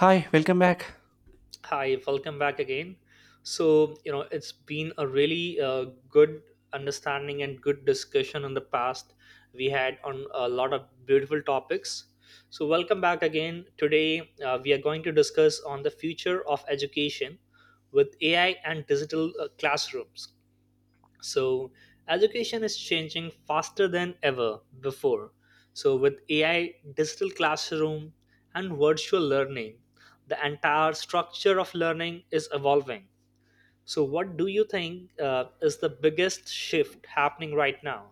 Hi, welcome back. Hi, welcome back again. So, you know, it's been a really good understanding and good discussion in the past we had on a lot of beautiful topics. So, welcome back again. Today, we are going to discuss on the future of education with AI and digital classrooms. So, education is changing faster than ever before. So, with AI, digital classroom, and virtual learning, the entire structure of learning is evolving. So, what do you think is the biggest shift happening right now?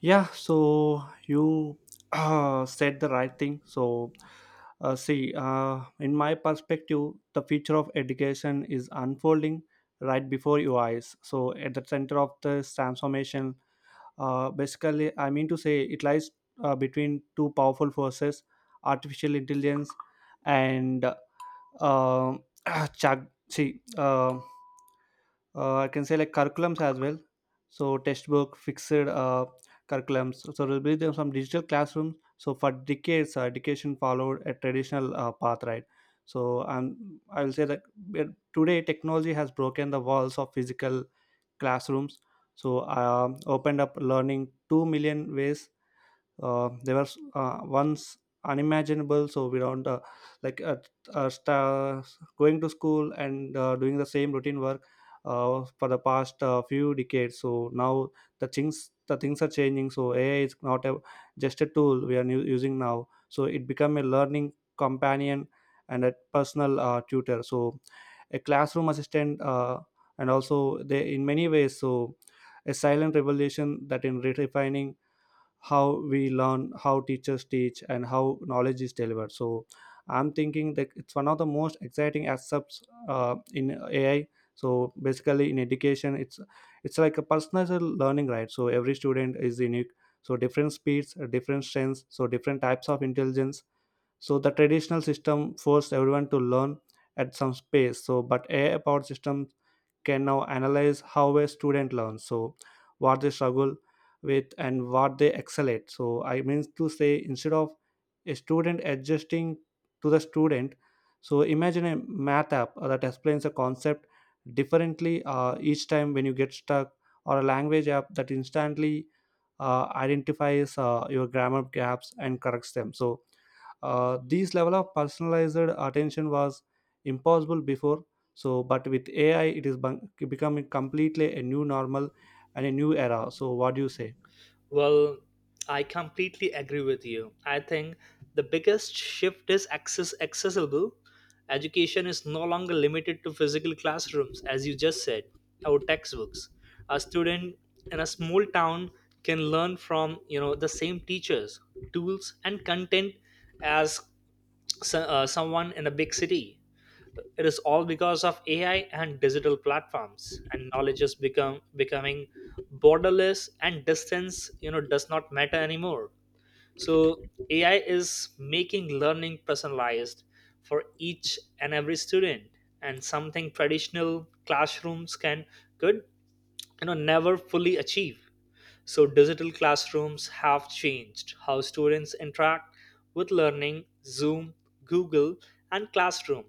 Yeah, so you said the right thing. So, see, in my perspective, the future of education is unfolding right before your eyes. So, at the center of this transformation, basically, I mean to say it lies between two powerful forces, artificial intelligence and See, I can say like curriculums as well. So, textbook fixed curriculums. So there will be there some digital classrooms. So for decades, education followed a traditional path, right? So I will say that uh, today technology has broken the walls of physical classrooms. So opened up learning 2 million ways they were once unimaginable, so we don't like sta going to school and doing the same routine work for the past few decades. So now the things are changing. So AI is not just a tool we are using now, so it become a learning companion and a personal tutor, so a classroom assistant, and also they in many ways, so a silent revolution that in redefining how we learn, how teachers teach, and how knowledge is delivered. So I'm thinking that it's one of the most exciting aspects in AI. So basically in education, it's like a personalized learning, right? So every student is unique, so different speeds, different strengths, so different types of intelligence. So the traditional system forced everyone to learn at some space, so but AI powered system can now analyze how a student learns, so what they struggle with and what they excel at. So I mean to say, instead of a student adjusting to the student, so imagine a math app that explains a concept differently each time when you get stuck, or a language app that instantly identifies your grammar gaps and corrects them. So this level of personalized attention was impossible before, so but with AI it is becoming completely a new normal and a new era. So what do you say? Well, I completely agree with you. I think the biggest shift is access accessible. Education is no longer limited to physical classrooms, as you just said, or textbooks. A student in a small town can learn from, you know, the same teachers, tools, and content as so, someone in a big city. It is all because of AI and digital platforms, and knowledge is become becoming borderless, and distance, you know, does not matter anymore. So AI is making learning personalized for each and every student, and something traditional classrooms can could, you know, never fully achieve. So digital classrooms have changed how students interact with learning. Zoom, Google, and Classroom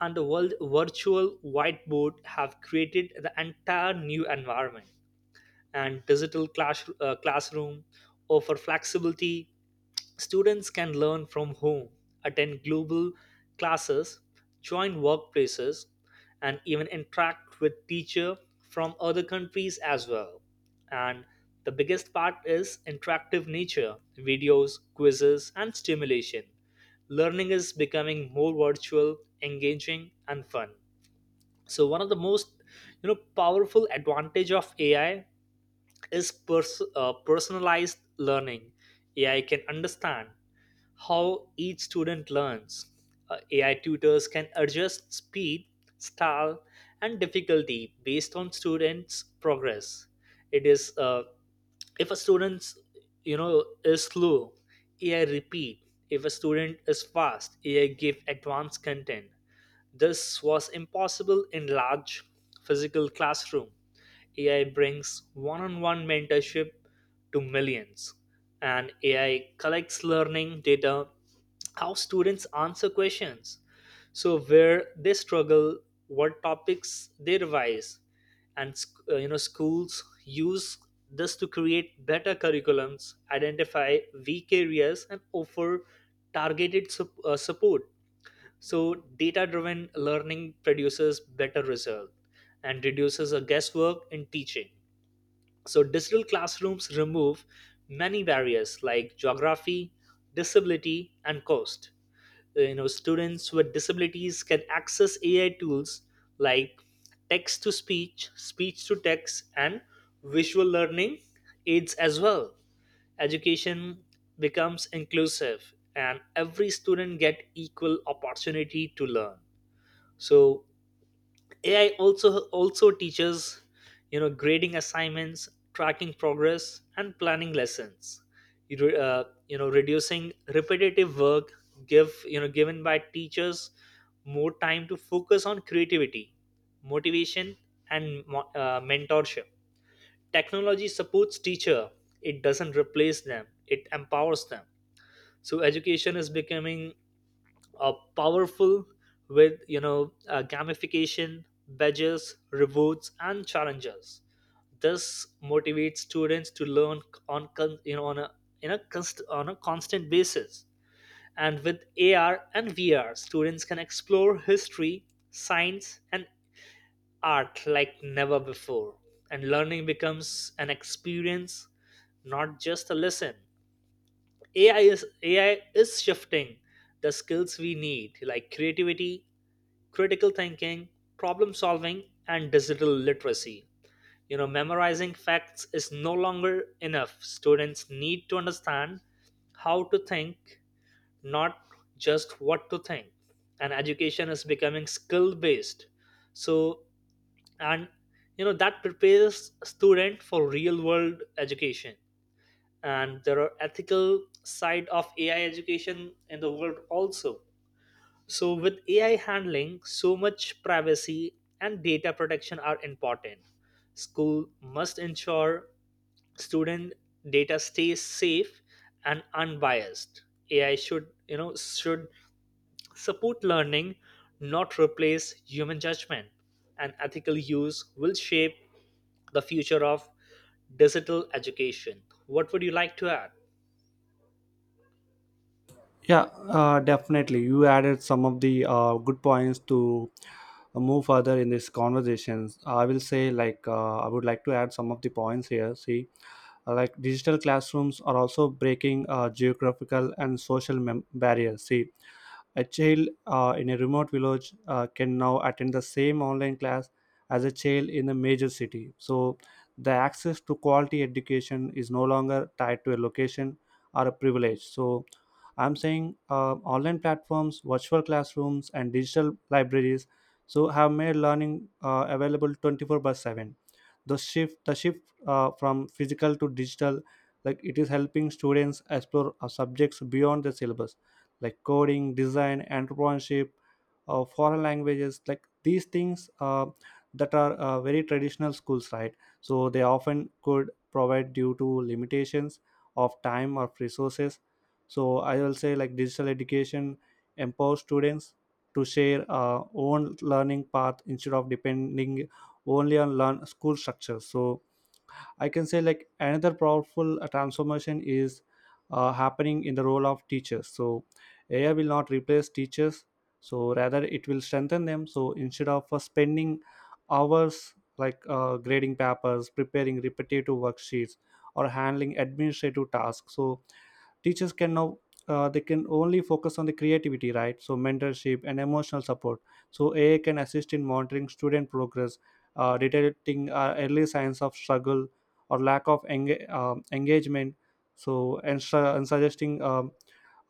and the world virtual whiteboard have created the entire new environment, and digital classroom offer flexibility. Students can learn from home, attend global classes, join workplaces, and even interact with teachers from other countries as well. And the biggest part is interactive nature, videos, quizzes, and stimulation. Learning is becoming more virtual, engaging, and fun. So one of the most, you know, powerful advantage of AI is personalized learning. AI can understand how each student learns. AI tutors can adjust speed, style, and difficulty based on students' progress. It is if a student, you know, is slow, AI repeat. If a student is fast, AI give advanced content. This was impossible in large physical classroom. AI brings one-on-one mentorship to millions, and AI collects learning data, how students answer questions, so where they struggle, what topics they revise, and you know, schools use this to create better curriculums, identify weak areas, and offer targeted support. So, data driven learning produces better result and reduces a guesswork in teaching. So, digital classrooms remove many barriers like geography, disability, and cost. You know, students with disabilities can access AI tools like text to speech, speech to text, and visual learning aids as well. Education becomes inclusive and every student get equal opportunity to learn. So AI also also teaches, you know, grading assignments, tracking progress, and planning lessons, you know, reducing repetitive work, give, you know, given by teachers more time to focus on creativity, motivation, and mentorship. Technology supports teacher, it doesn't replace them, it empowers them. So education is becoming powerful with, you know, gamification, badges, rewards, and challenges. This motivates students to learn you know, on a constant basis. And with AR and VR, students can explore history, science, and art like never before, and learning becomes an experience, not just a lesson. AI is shifting the skills we need, like creativity, critical thinking, problem solving, and digital literacy. You know, memorizing facts is no longer enough. Students need to understand how to think, not just what to think. And education is becoming skill based. So, and you know, that prepares student for real world education. And there are ethical side of AI education in the world also. So, with AI handling so much, privacy and data protection are important. School must ensure student data stays safe and unbiased. AI should, you know, should support learning, not replace human judgment. And ethical use will shape the future of digital education. What would you like to add? Yeah, definitely. You added some of the good points to move further in this conversations. I will say, like, I would like to add some of the points here. See, like, digital classrooms are also breaking geographical and social barriers. See, a child in a remote village can now attend the same online class as a child in a major city. So, the access to quality education is no longer tied to a location or a privilege. So, I'm saying, online platforms, virtual classrooms, and digital libraries so have made learning available 24/7. The shift from physical to digital, like, it is helping students explore subjects beyond the syllabus, like coding, design, entrepreneurship, foreign languages, like these things that are very traditional schools, right, so they often could provide due to limitations of time or resources. So I will say like digital education empowers students to share own learning path instead of depending only on learn school structure. So I can say like another powerful transformation is happening in the role of teachers. So AI will not replace teachers, so rather it will strengthen them. So instead of spending hours like grading papers, preparing repetitive worksheets, or handling administrative tasks, so teachers can now, they can only focus on the creativity, right? So mentorship and emotional support. So AI can assist in monitoring student progress, detecting early signs of struggle or lack of engagement, so and suggesting um,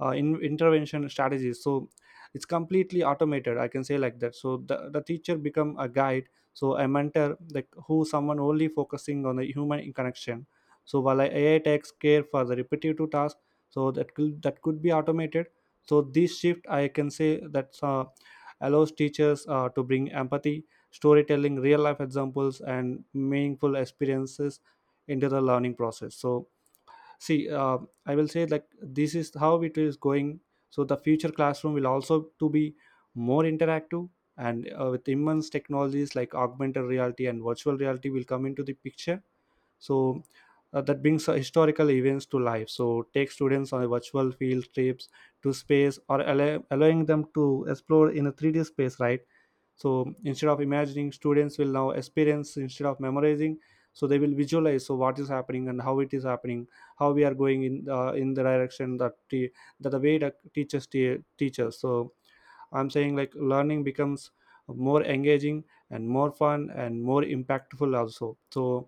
uh, in- intervention strategies. So it's completely automated, I can say like that. So the teacher become a guide, so a mentor, like who someone only focusing on the human connection, so while a AI takes care for the repetitive task, so that could be automated. So this shift I can say that allows teachers to bring empathy, storytelling, real life examples, and meaningful experiences into the learning process. So see, I will say like this is how it is going, so the future classroom will also to be more interactive, and with immense technologies like augmented reality and virtual reality will come into the picture. So that brings historical events to life, so take students on a virtual field trips to space, or allowing them to explore in a 3D space, right? So instead of imagining, students will now experience instead of memorizing. So they will visualize, so what is happening and how it is happening, how we are going in the direction that the way that teachers teach us. So I'm saying like learning becomes more engaging and more fun and more impactful also. So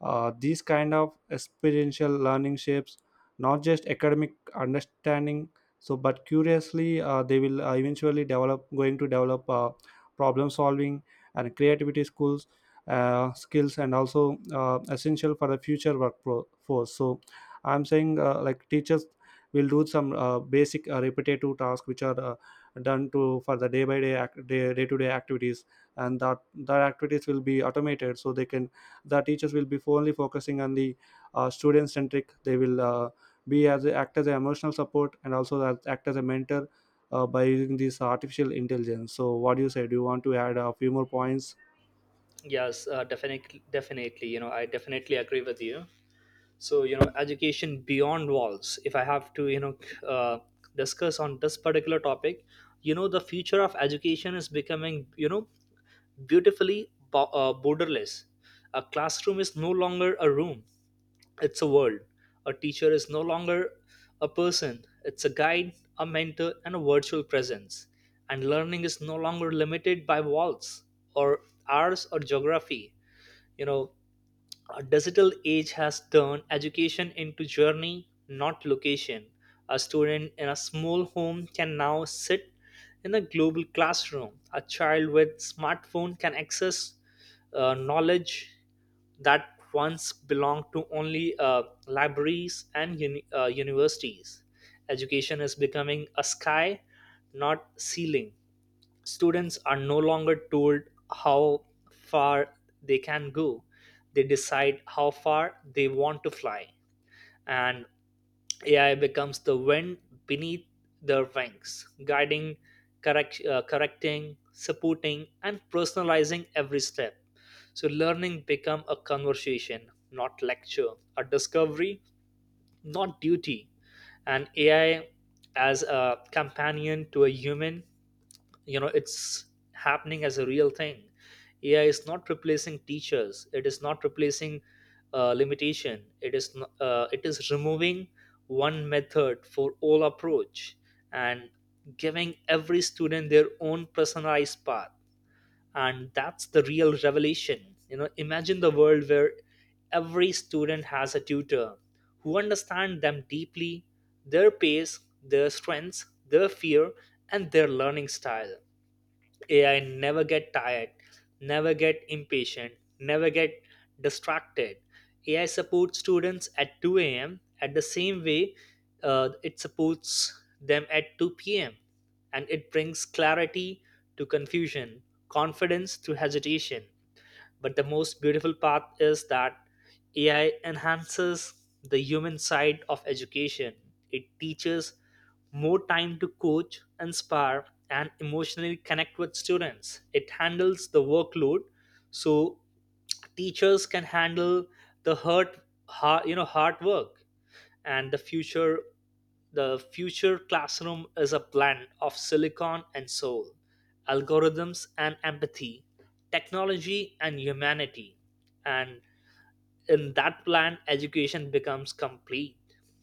these kind of experiential learning shapes not just academic understanding, so but curiously, they will eventually develop going to develop problem solving and creativity skills, and also essential for the future workforce. So I'm saying like teachers will do some basic repetitive tasks which are done to for the day to day activities, and that activities will be automated, so they can, the teachers will be only focusing on the student centric, they will be as act as an emotional support, and also act as a mentor by using this artificial intelligence. So what do you say? Do you want to add a few more points? Yes, definitely. You know, I definitely agree with you. So, you know, education beyond walls. If I have to, you know, uh, discuss on this particular topic, you know, the future of education is becoming, you know, beautifully borderless. A classroom is no longer a room, it's a world. A teacher is no longer a person, it's a guide, a mentor, and a virtual presence. And learning is no longer limited by walls or hours or geography. You know, a digital age has turned education into journey, not location. A student in a small home can now sit in a global classroom. A child with smartphone can access knowledge that once belonged to only libraries and universities. Education is becoming a sky, not ceiling. Students are no longer told how far they can go, they decide how far they want to fly, and AI becomes the wind beneath their wings, guiding, correcting, supporting, and personalizing every step. So learning become a conversation, not lecture, a discovery, not duty, and AI as a companion to a human. You know, it's happening as a real thing. AI is not replacing teachers, it is not replacing limitation it is n- it is removing one method for all approach and giving every student their own personalized path. And that's the real revelation. You know, imagine the world where every student has a tutor who understands them deeply, their pace, their strengths, their fear, and their learning style. AI never get tired, never get impatient, never get distracted. AI supports students at 2 a.m. at the same way it supports them at 2 p.m., and it brings clarity to confusion, confidence to hesitation. But the most beautiful part is that AI enhances the human side of education. It teaches more time to coach, inspire, and emotionally connect with students. It handles the workload, so teachers can handle the you know, hard work. And the future classroom is a blend of silicon and soul, algorithms and empathy, technology and humanity. And in that blend, education becomes complete.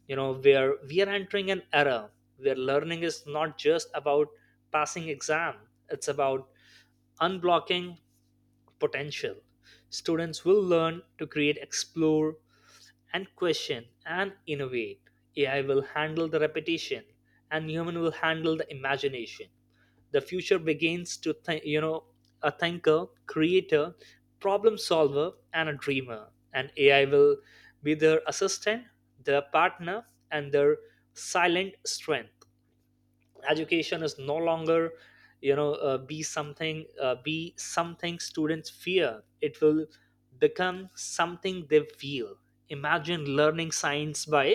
You know, where we are entering an era where learning is not just about passing exam, it's about unblocking potential. Students will learn to create, explore, and question and innovate. AI will handle the repetition and human will handle the imagination. The future begins to think, you know, a thinker, creator, problem solver, and a dreamer. And AI will be their assistant, their partner, and their silent strength. Education is no longer, you know, be something students fear, it will become something they feel. Imagine learning science by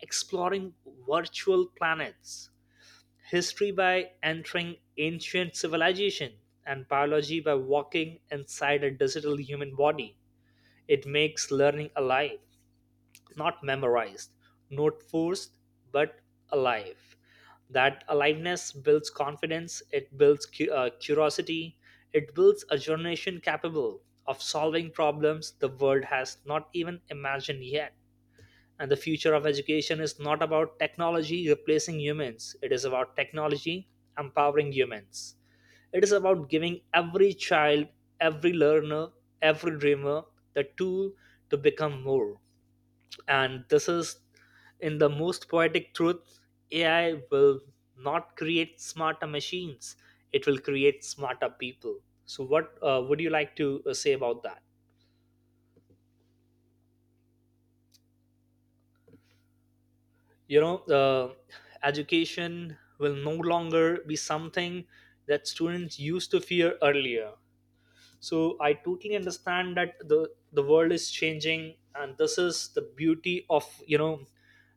exploring virtual planets, history by entering ancient civilization, and biology by walking inside a digital human body. It makes learning alive, not memorized, not forced, but alive. That aliveness builds confidence, it builds curiosity, it builds a generation capable of solving problems the world has not even imagined yet. And the future of education is not about technology replacing humans, it is about technology empowering humans. It is about giving every child, every learner, every dreamer the tool to become more. And this is, in the most poetic truth, AI will not create smarter machines, it will create smarter people. So what would you like to say about that? You know, education will no longer be something that students used to fear earlier. So I totally understand that the world is changing, and this is the beauty of, you know,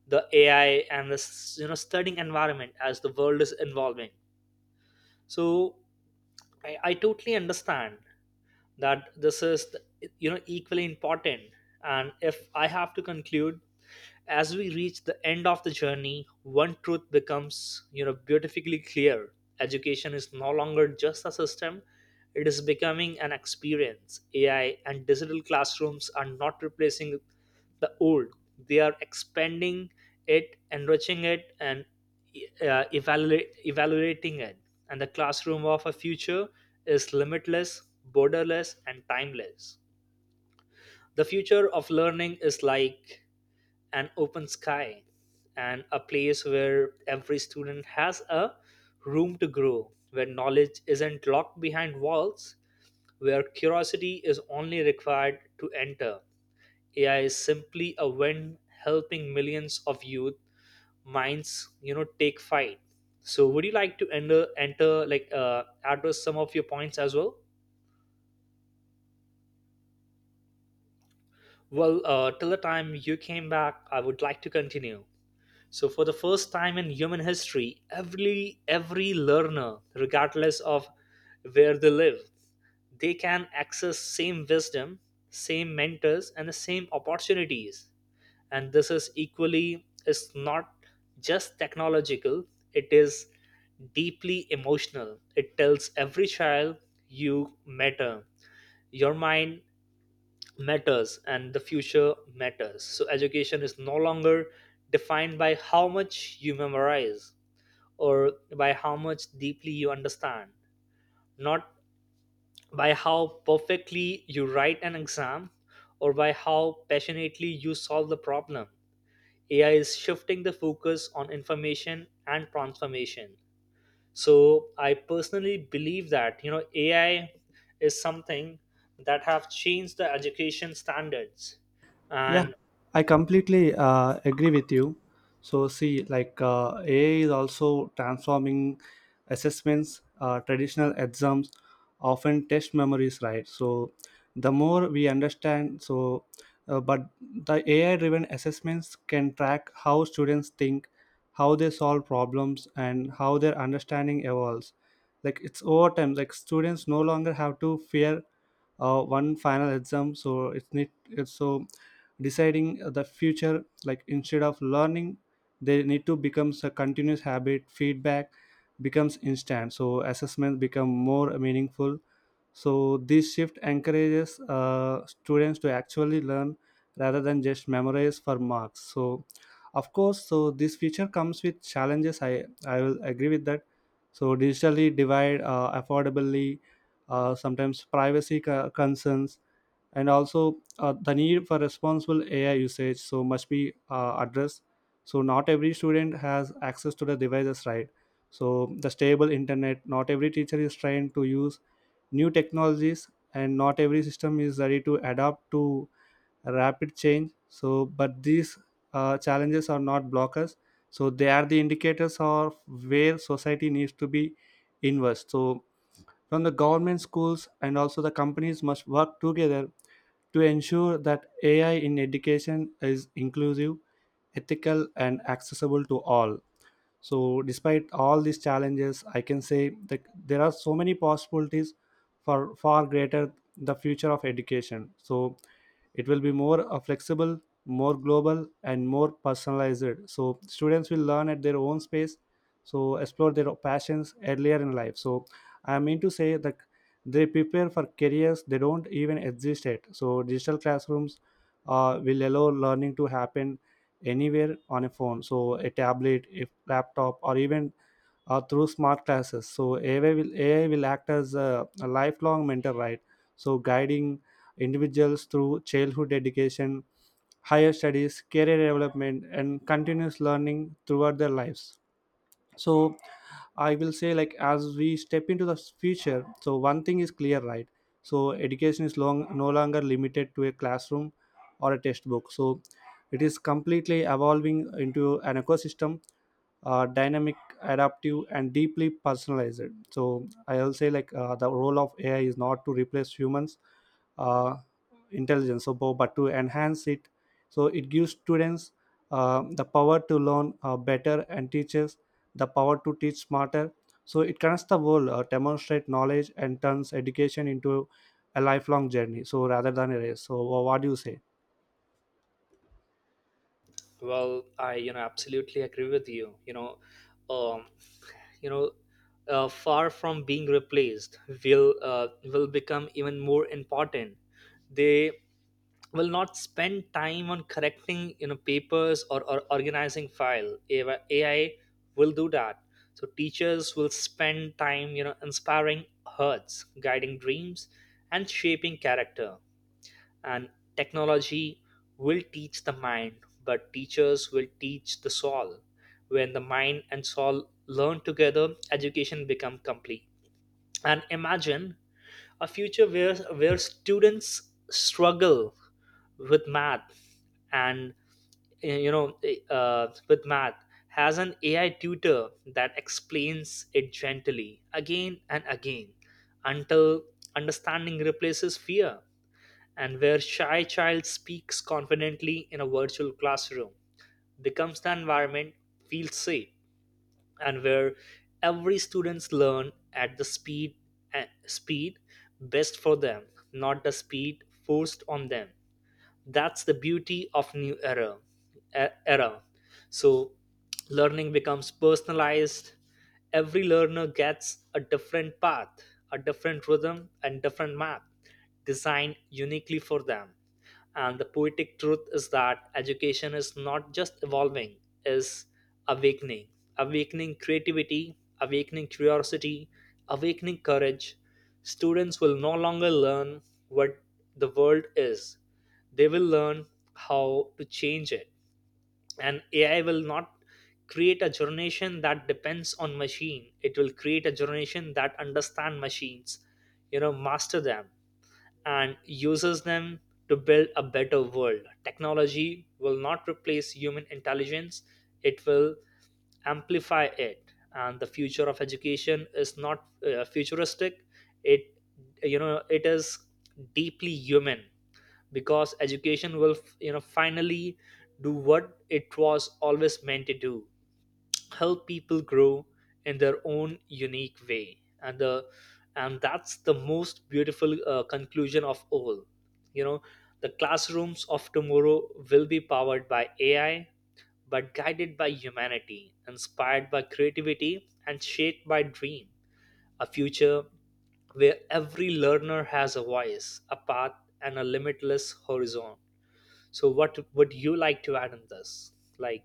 the AI and this, you know, studying environment, as the world is evolving. So I totally understand that this is, you know, equally important. And if I have to conclude, as we reach the end of the journey, one truth becomes, you know, beautifully clear. Education is no longer just a system, it is becoming an experience. AI and digital classrooms are not replacing the old. They are expanding it, enriching it, and evaluating it. And the classroom of a future is limitless, borderless, and timeless. The future of learning is like an open sky and a place where every student has a room to grow, where knowledge isn't locked behind walls, where curiosity is only required to enter. AI is simply a wind helping millions of youth minds, you know, take flight. So, would you like to enter like address some of your points as well? Well, till the time you came back, I would like to continue. So for the first time in human history, every learner, regardless of where they live, they can access same wisdom, same mentors, and the same opportunities. And this is equally is not just technological, it is deeply emotional. It tells every child you matter. Your mind matters and the future matters. So education is no longer defined by how much you memorize or by how much deeply you understand, not by how perfectly you write an exam or by how passionately you solve the problem. AI is shifting the focus on information and transformation. So I personally believe that AI is something that have changed the education standards Yeah, and. I completely agree with you. So, see, like AI is also transforming assessments. Traditional exams often test memories, right? So, the more we understand, so, but the AI driven assessments can track how students think, how they solve problems, and how their understanding evolves. Like, it's over time, like, students no longer have to fear one final exam, so it's need it's so deciding the future, like, instead of learning they need to becomes a continuous habit. Feedback becomes instant, so assessments become more meaningful. So this shift encourages students to actually learn rather than just memorize for marks. So of course, so this feature comes with challenges. I will agree with that. So digitally divide, affordably, sometimes privacy concerns, and also the need for responsible AI usage. So must be addressed. So not every student has access to the devices, right? So the stable internet. Not every teacher is trained to use new technologies, and not every system is ready to adapt to rapid change. So but these challenges are not blockers, so they are the indicators of where society needs to be invest. So from the government, schools, and also the companies must work together to ensure that AI in education is inclusive, ethical, and accessible to all. So despite all these challenges, I can say that there are so many possibilities for far greater the future of education. So it will be more flexible, more global, and more personalized. So students will learn at their own space, so explore their passions earlier in life. So I mean to say that they prepare for careers they don't even exist yet. So digital classrooms will allow learning to happen anywhere on a phone, so a tablet, a laptop, or even or through smart classes. So AI will act as a lifelong mentor, right? So guiding individuals through childhood education, higher studies, career development, and continuous learning throughout their lives. So I will say like as we step into the future, so one thing is clear, right? So education is long no longer limited to a classroom or a textbook. So it is completely evolving into an ecosystem, dynamic, adaptive, and deeply personalized. So I'll say like the role of AI is not to replace humans uh, intelligence, so but to enhance it. So it gives students the power to learn better, and teachers the power to teach smarter. So it connects the world, demonstrate knowledge, and turns education into a lifelong journey, so rather than a race. So what do you say? Well, I absolutely agree with you. Um, you know, Far from being replaced, will become even more important. They will not spend time on correcting papers or organizing file AI will do that. So teachers will spend time inspiring hearts, guiding dreams, and shaping character. And technology will teach the mind, but teachers will teach the soul. When the mind and soul learn together, education become complete. And imagine a future where students struggle with math and with math, has an AI tutor that explains it gently again and again until understanding replaces fear. And where shy child speaks confidently in a virtual classroom, becomes the environment, feels safe. And where every students learn at the speed speed best for them, not the speed forced on them. That's the beauty of new era, era. So learning becomes personalized. Every learner gets a different path, a different rhythm, and different map designed uniquely for them. And the poetic truth is that education is not just evolving, is awakening. Awakening creativity, awakening curiosity, awakening courage. Students will no longer learn what the world is, they will learn how to change it. And AI will not create a generation that depends on machine, it will create a generation that understand machines, master them, and uses them to build a better world. Technology will not replace human intelligence, it will amplify it. And the future of education is not futuristic, it you know it is deeply human. Because education will finally do what it was always meant to do: help people grow in their own unique way. And that's the most beautiful conclusion of all. you know the classrooms of tomorrow will be powered by AI, but guided by humanity, inspired by creativity, and shaped by dream. A future where every learner has a voice, a path, and a limitless horizon. So, what would you like to add on this? Like,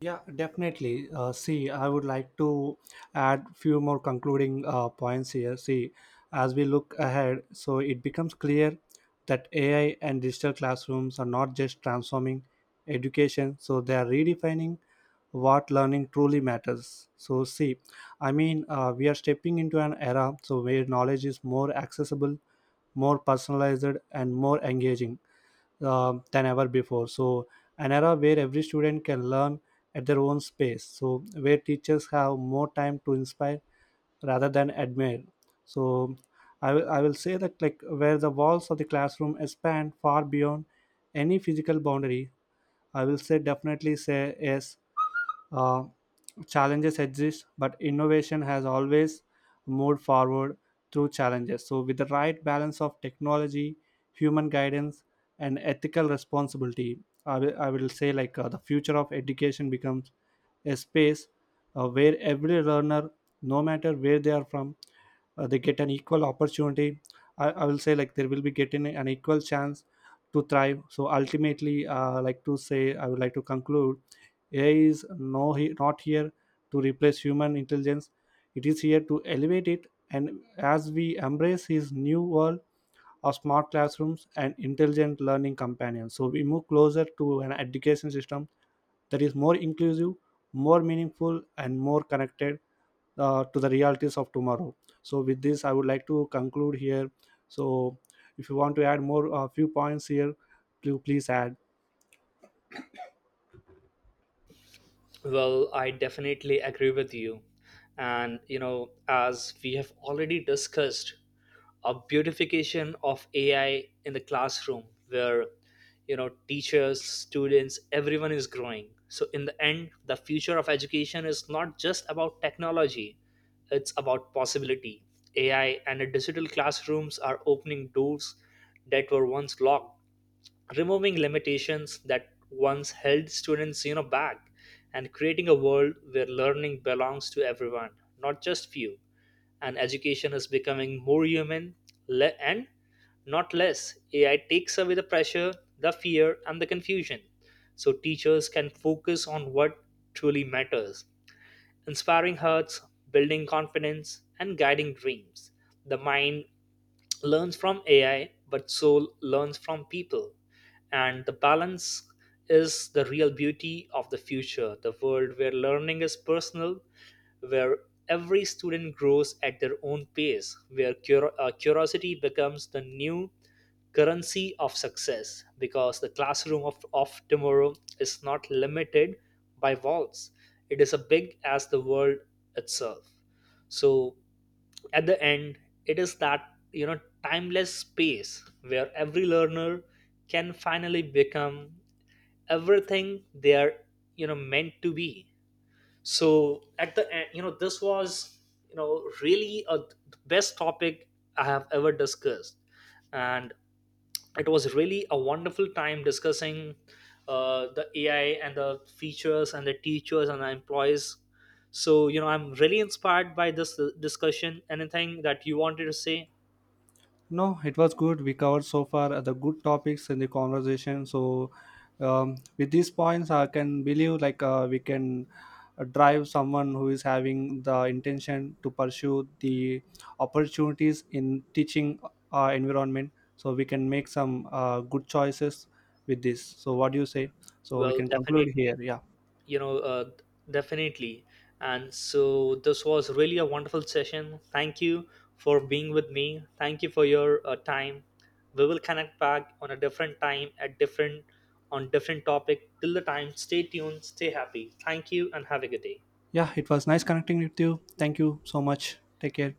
Yeah, definitely. See, I would like to add few more concluding points here. See, as we look ahead, so it becomes clear that AI and digital classrooms are not just transforming education, so they are redefining what learning truly matters. So, see, I mean, we are stepping into an era so where knowledge is more accessible, more personalized, and more engaging than ever before. So, an era where every student can learn at their own space. So, where teachers have more time to inspire rather than admire. So, I will say that like where the walls of the classroom expand far beyond any physical boundary. I will say definitely say yes, uh, challenges exist, but innovation has always moved forward through challenges. So, with the right balance of technology, human guidance, and ethical responsibility, I will say like the future of education becomes a space where every learner, no matter where they are from, they get an equal opportunity. I will say like there will be getting an equal chance to thrive. So ultimately like to say, I would like to conclude AI is not here to replace human intelligence. It is here to elevate it, and as we embrace his new world of smart classrooms and intelligent learning companions, so we move closer to an education system that is more inclusive, more meaningful, and more connected to the realities of tomorrow. So, with this, I would like to conclude here. So, if you want to add more, a few points here, do please add. well, I definitely agree with you. And, you know, as we have already discussed, a beautification of AI in the classroom where, you know, teachers, students, everyone is growing. So, in the end, the future of education is not just about technology, it's about possibility. AI and the digital classrooms are opening doors that were once locked, removing limitations that once held students back, and creating a world where learning belongs to everyone, not just few. And education is becoming more human, and not less. AI takes away the pressure, the fear, and the confusion. So teachers can focus on what truly matters: inspiring hearts, building confidence, and guiding dreams. The mind learns from AI, but soul learns from people. And the balance is the real beauty of the future, the world where learning is personal, where every student grows at their own pace, where curiosity becomes the new currency of success. Because the classroom of tomorrow is not limited by walls. It is as big as the world itself. So at the end, it is that timeless space where every learner can finally become everything they are meant to be. So at the end, this was really a the best topic I have ever discussed. And it was really a wonderful time discussing the AI and the features and the teachers and the employees. So I'm really inspired by this discussion. Anything that you wanted to say? No, it was good. We covered so far the good topics in the conversation. So, with these points, I can believe like we can drive someone who is having the intention to pursue the opportunities in teaching environment. So we can make some good choices with this. So what do you say? So we Well, can conclude definitely. here. Yeah, you know uh, Definitely. And so this was really a wonderful session. Thank you for being with me, thank you for your time. We will connect back on a different time, at different on different topic. Till the time, stay tuned, stay happy, thank you and have a good day. yeah. It was nice connecting with you. Thank you so much. Take care.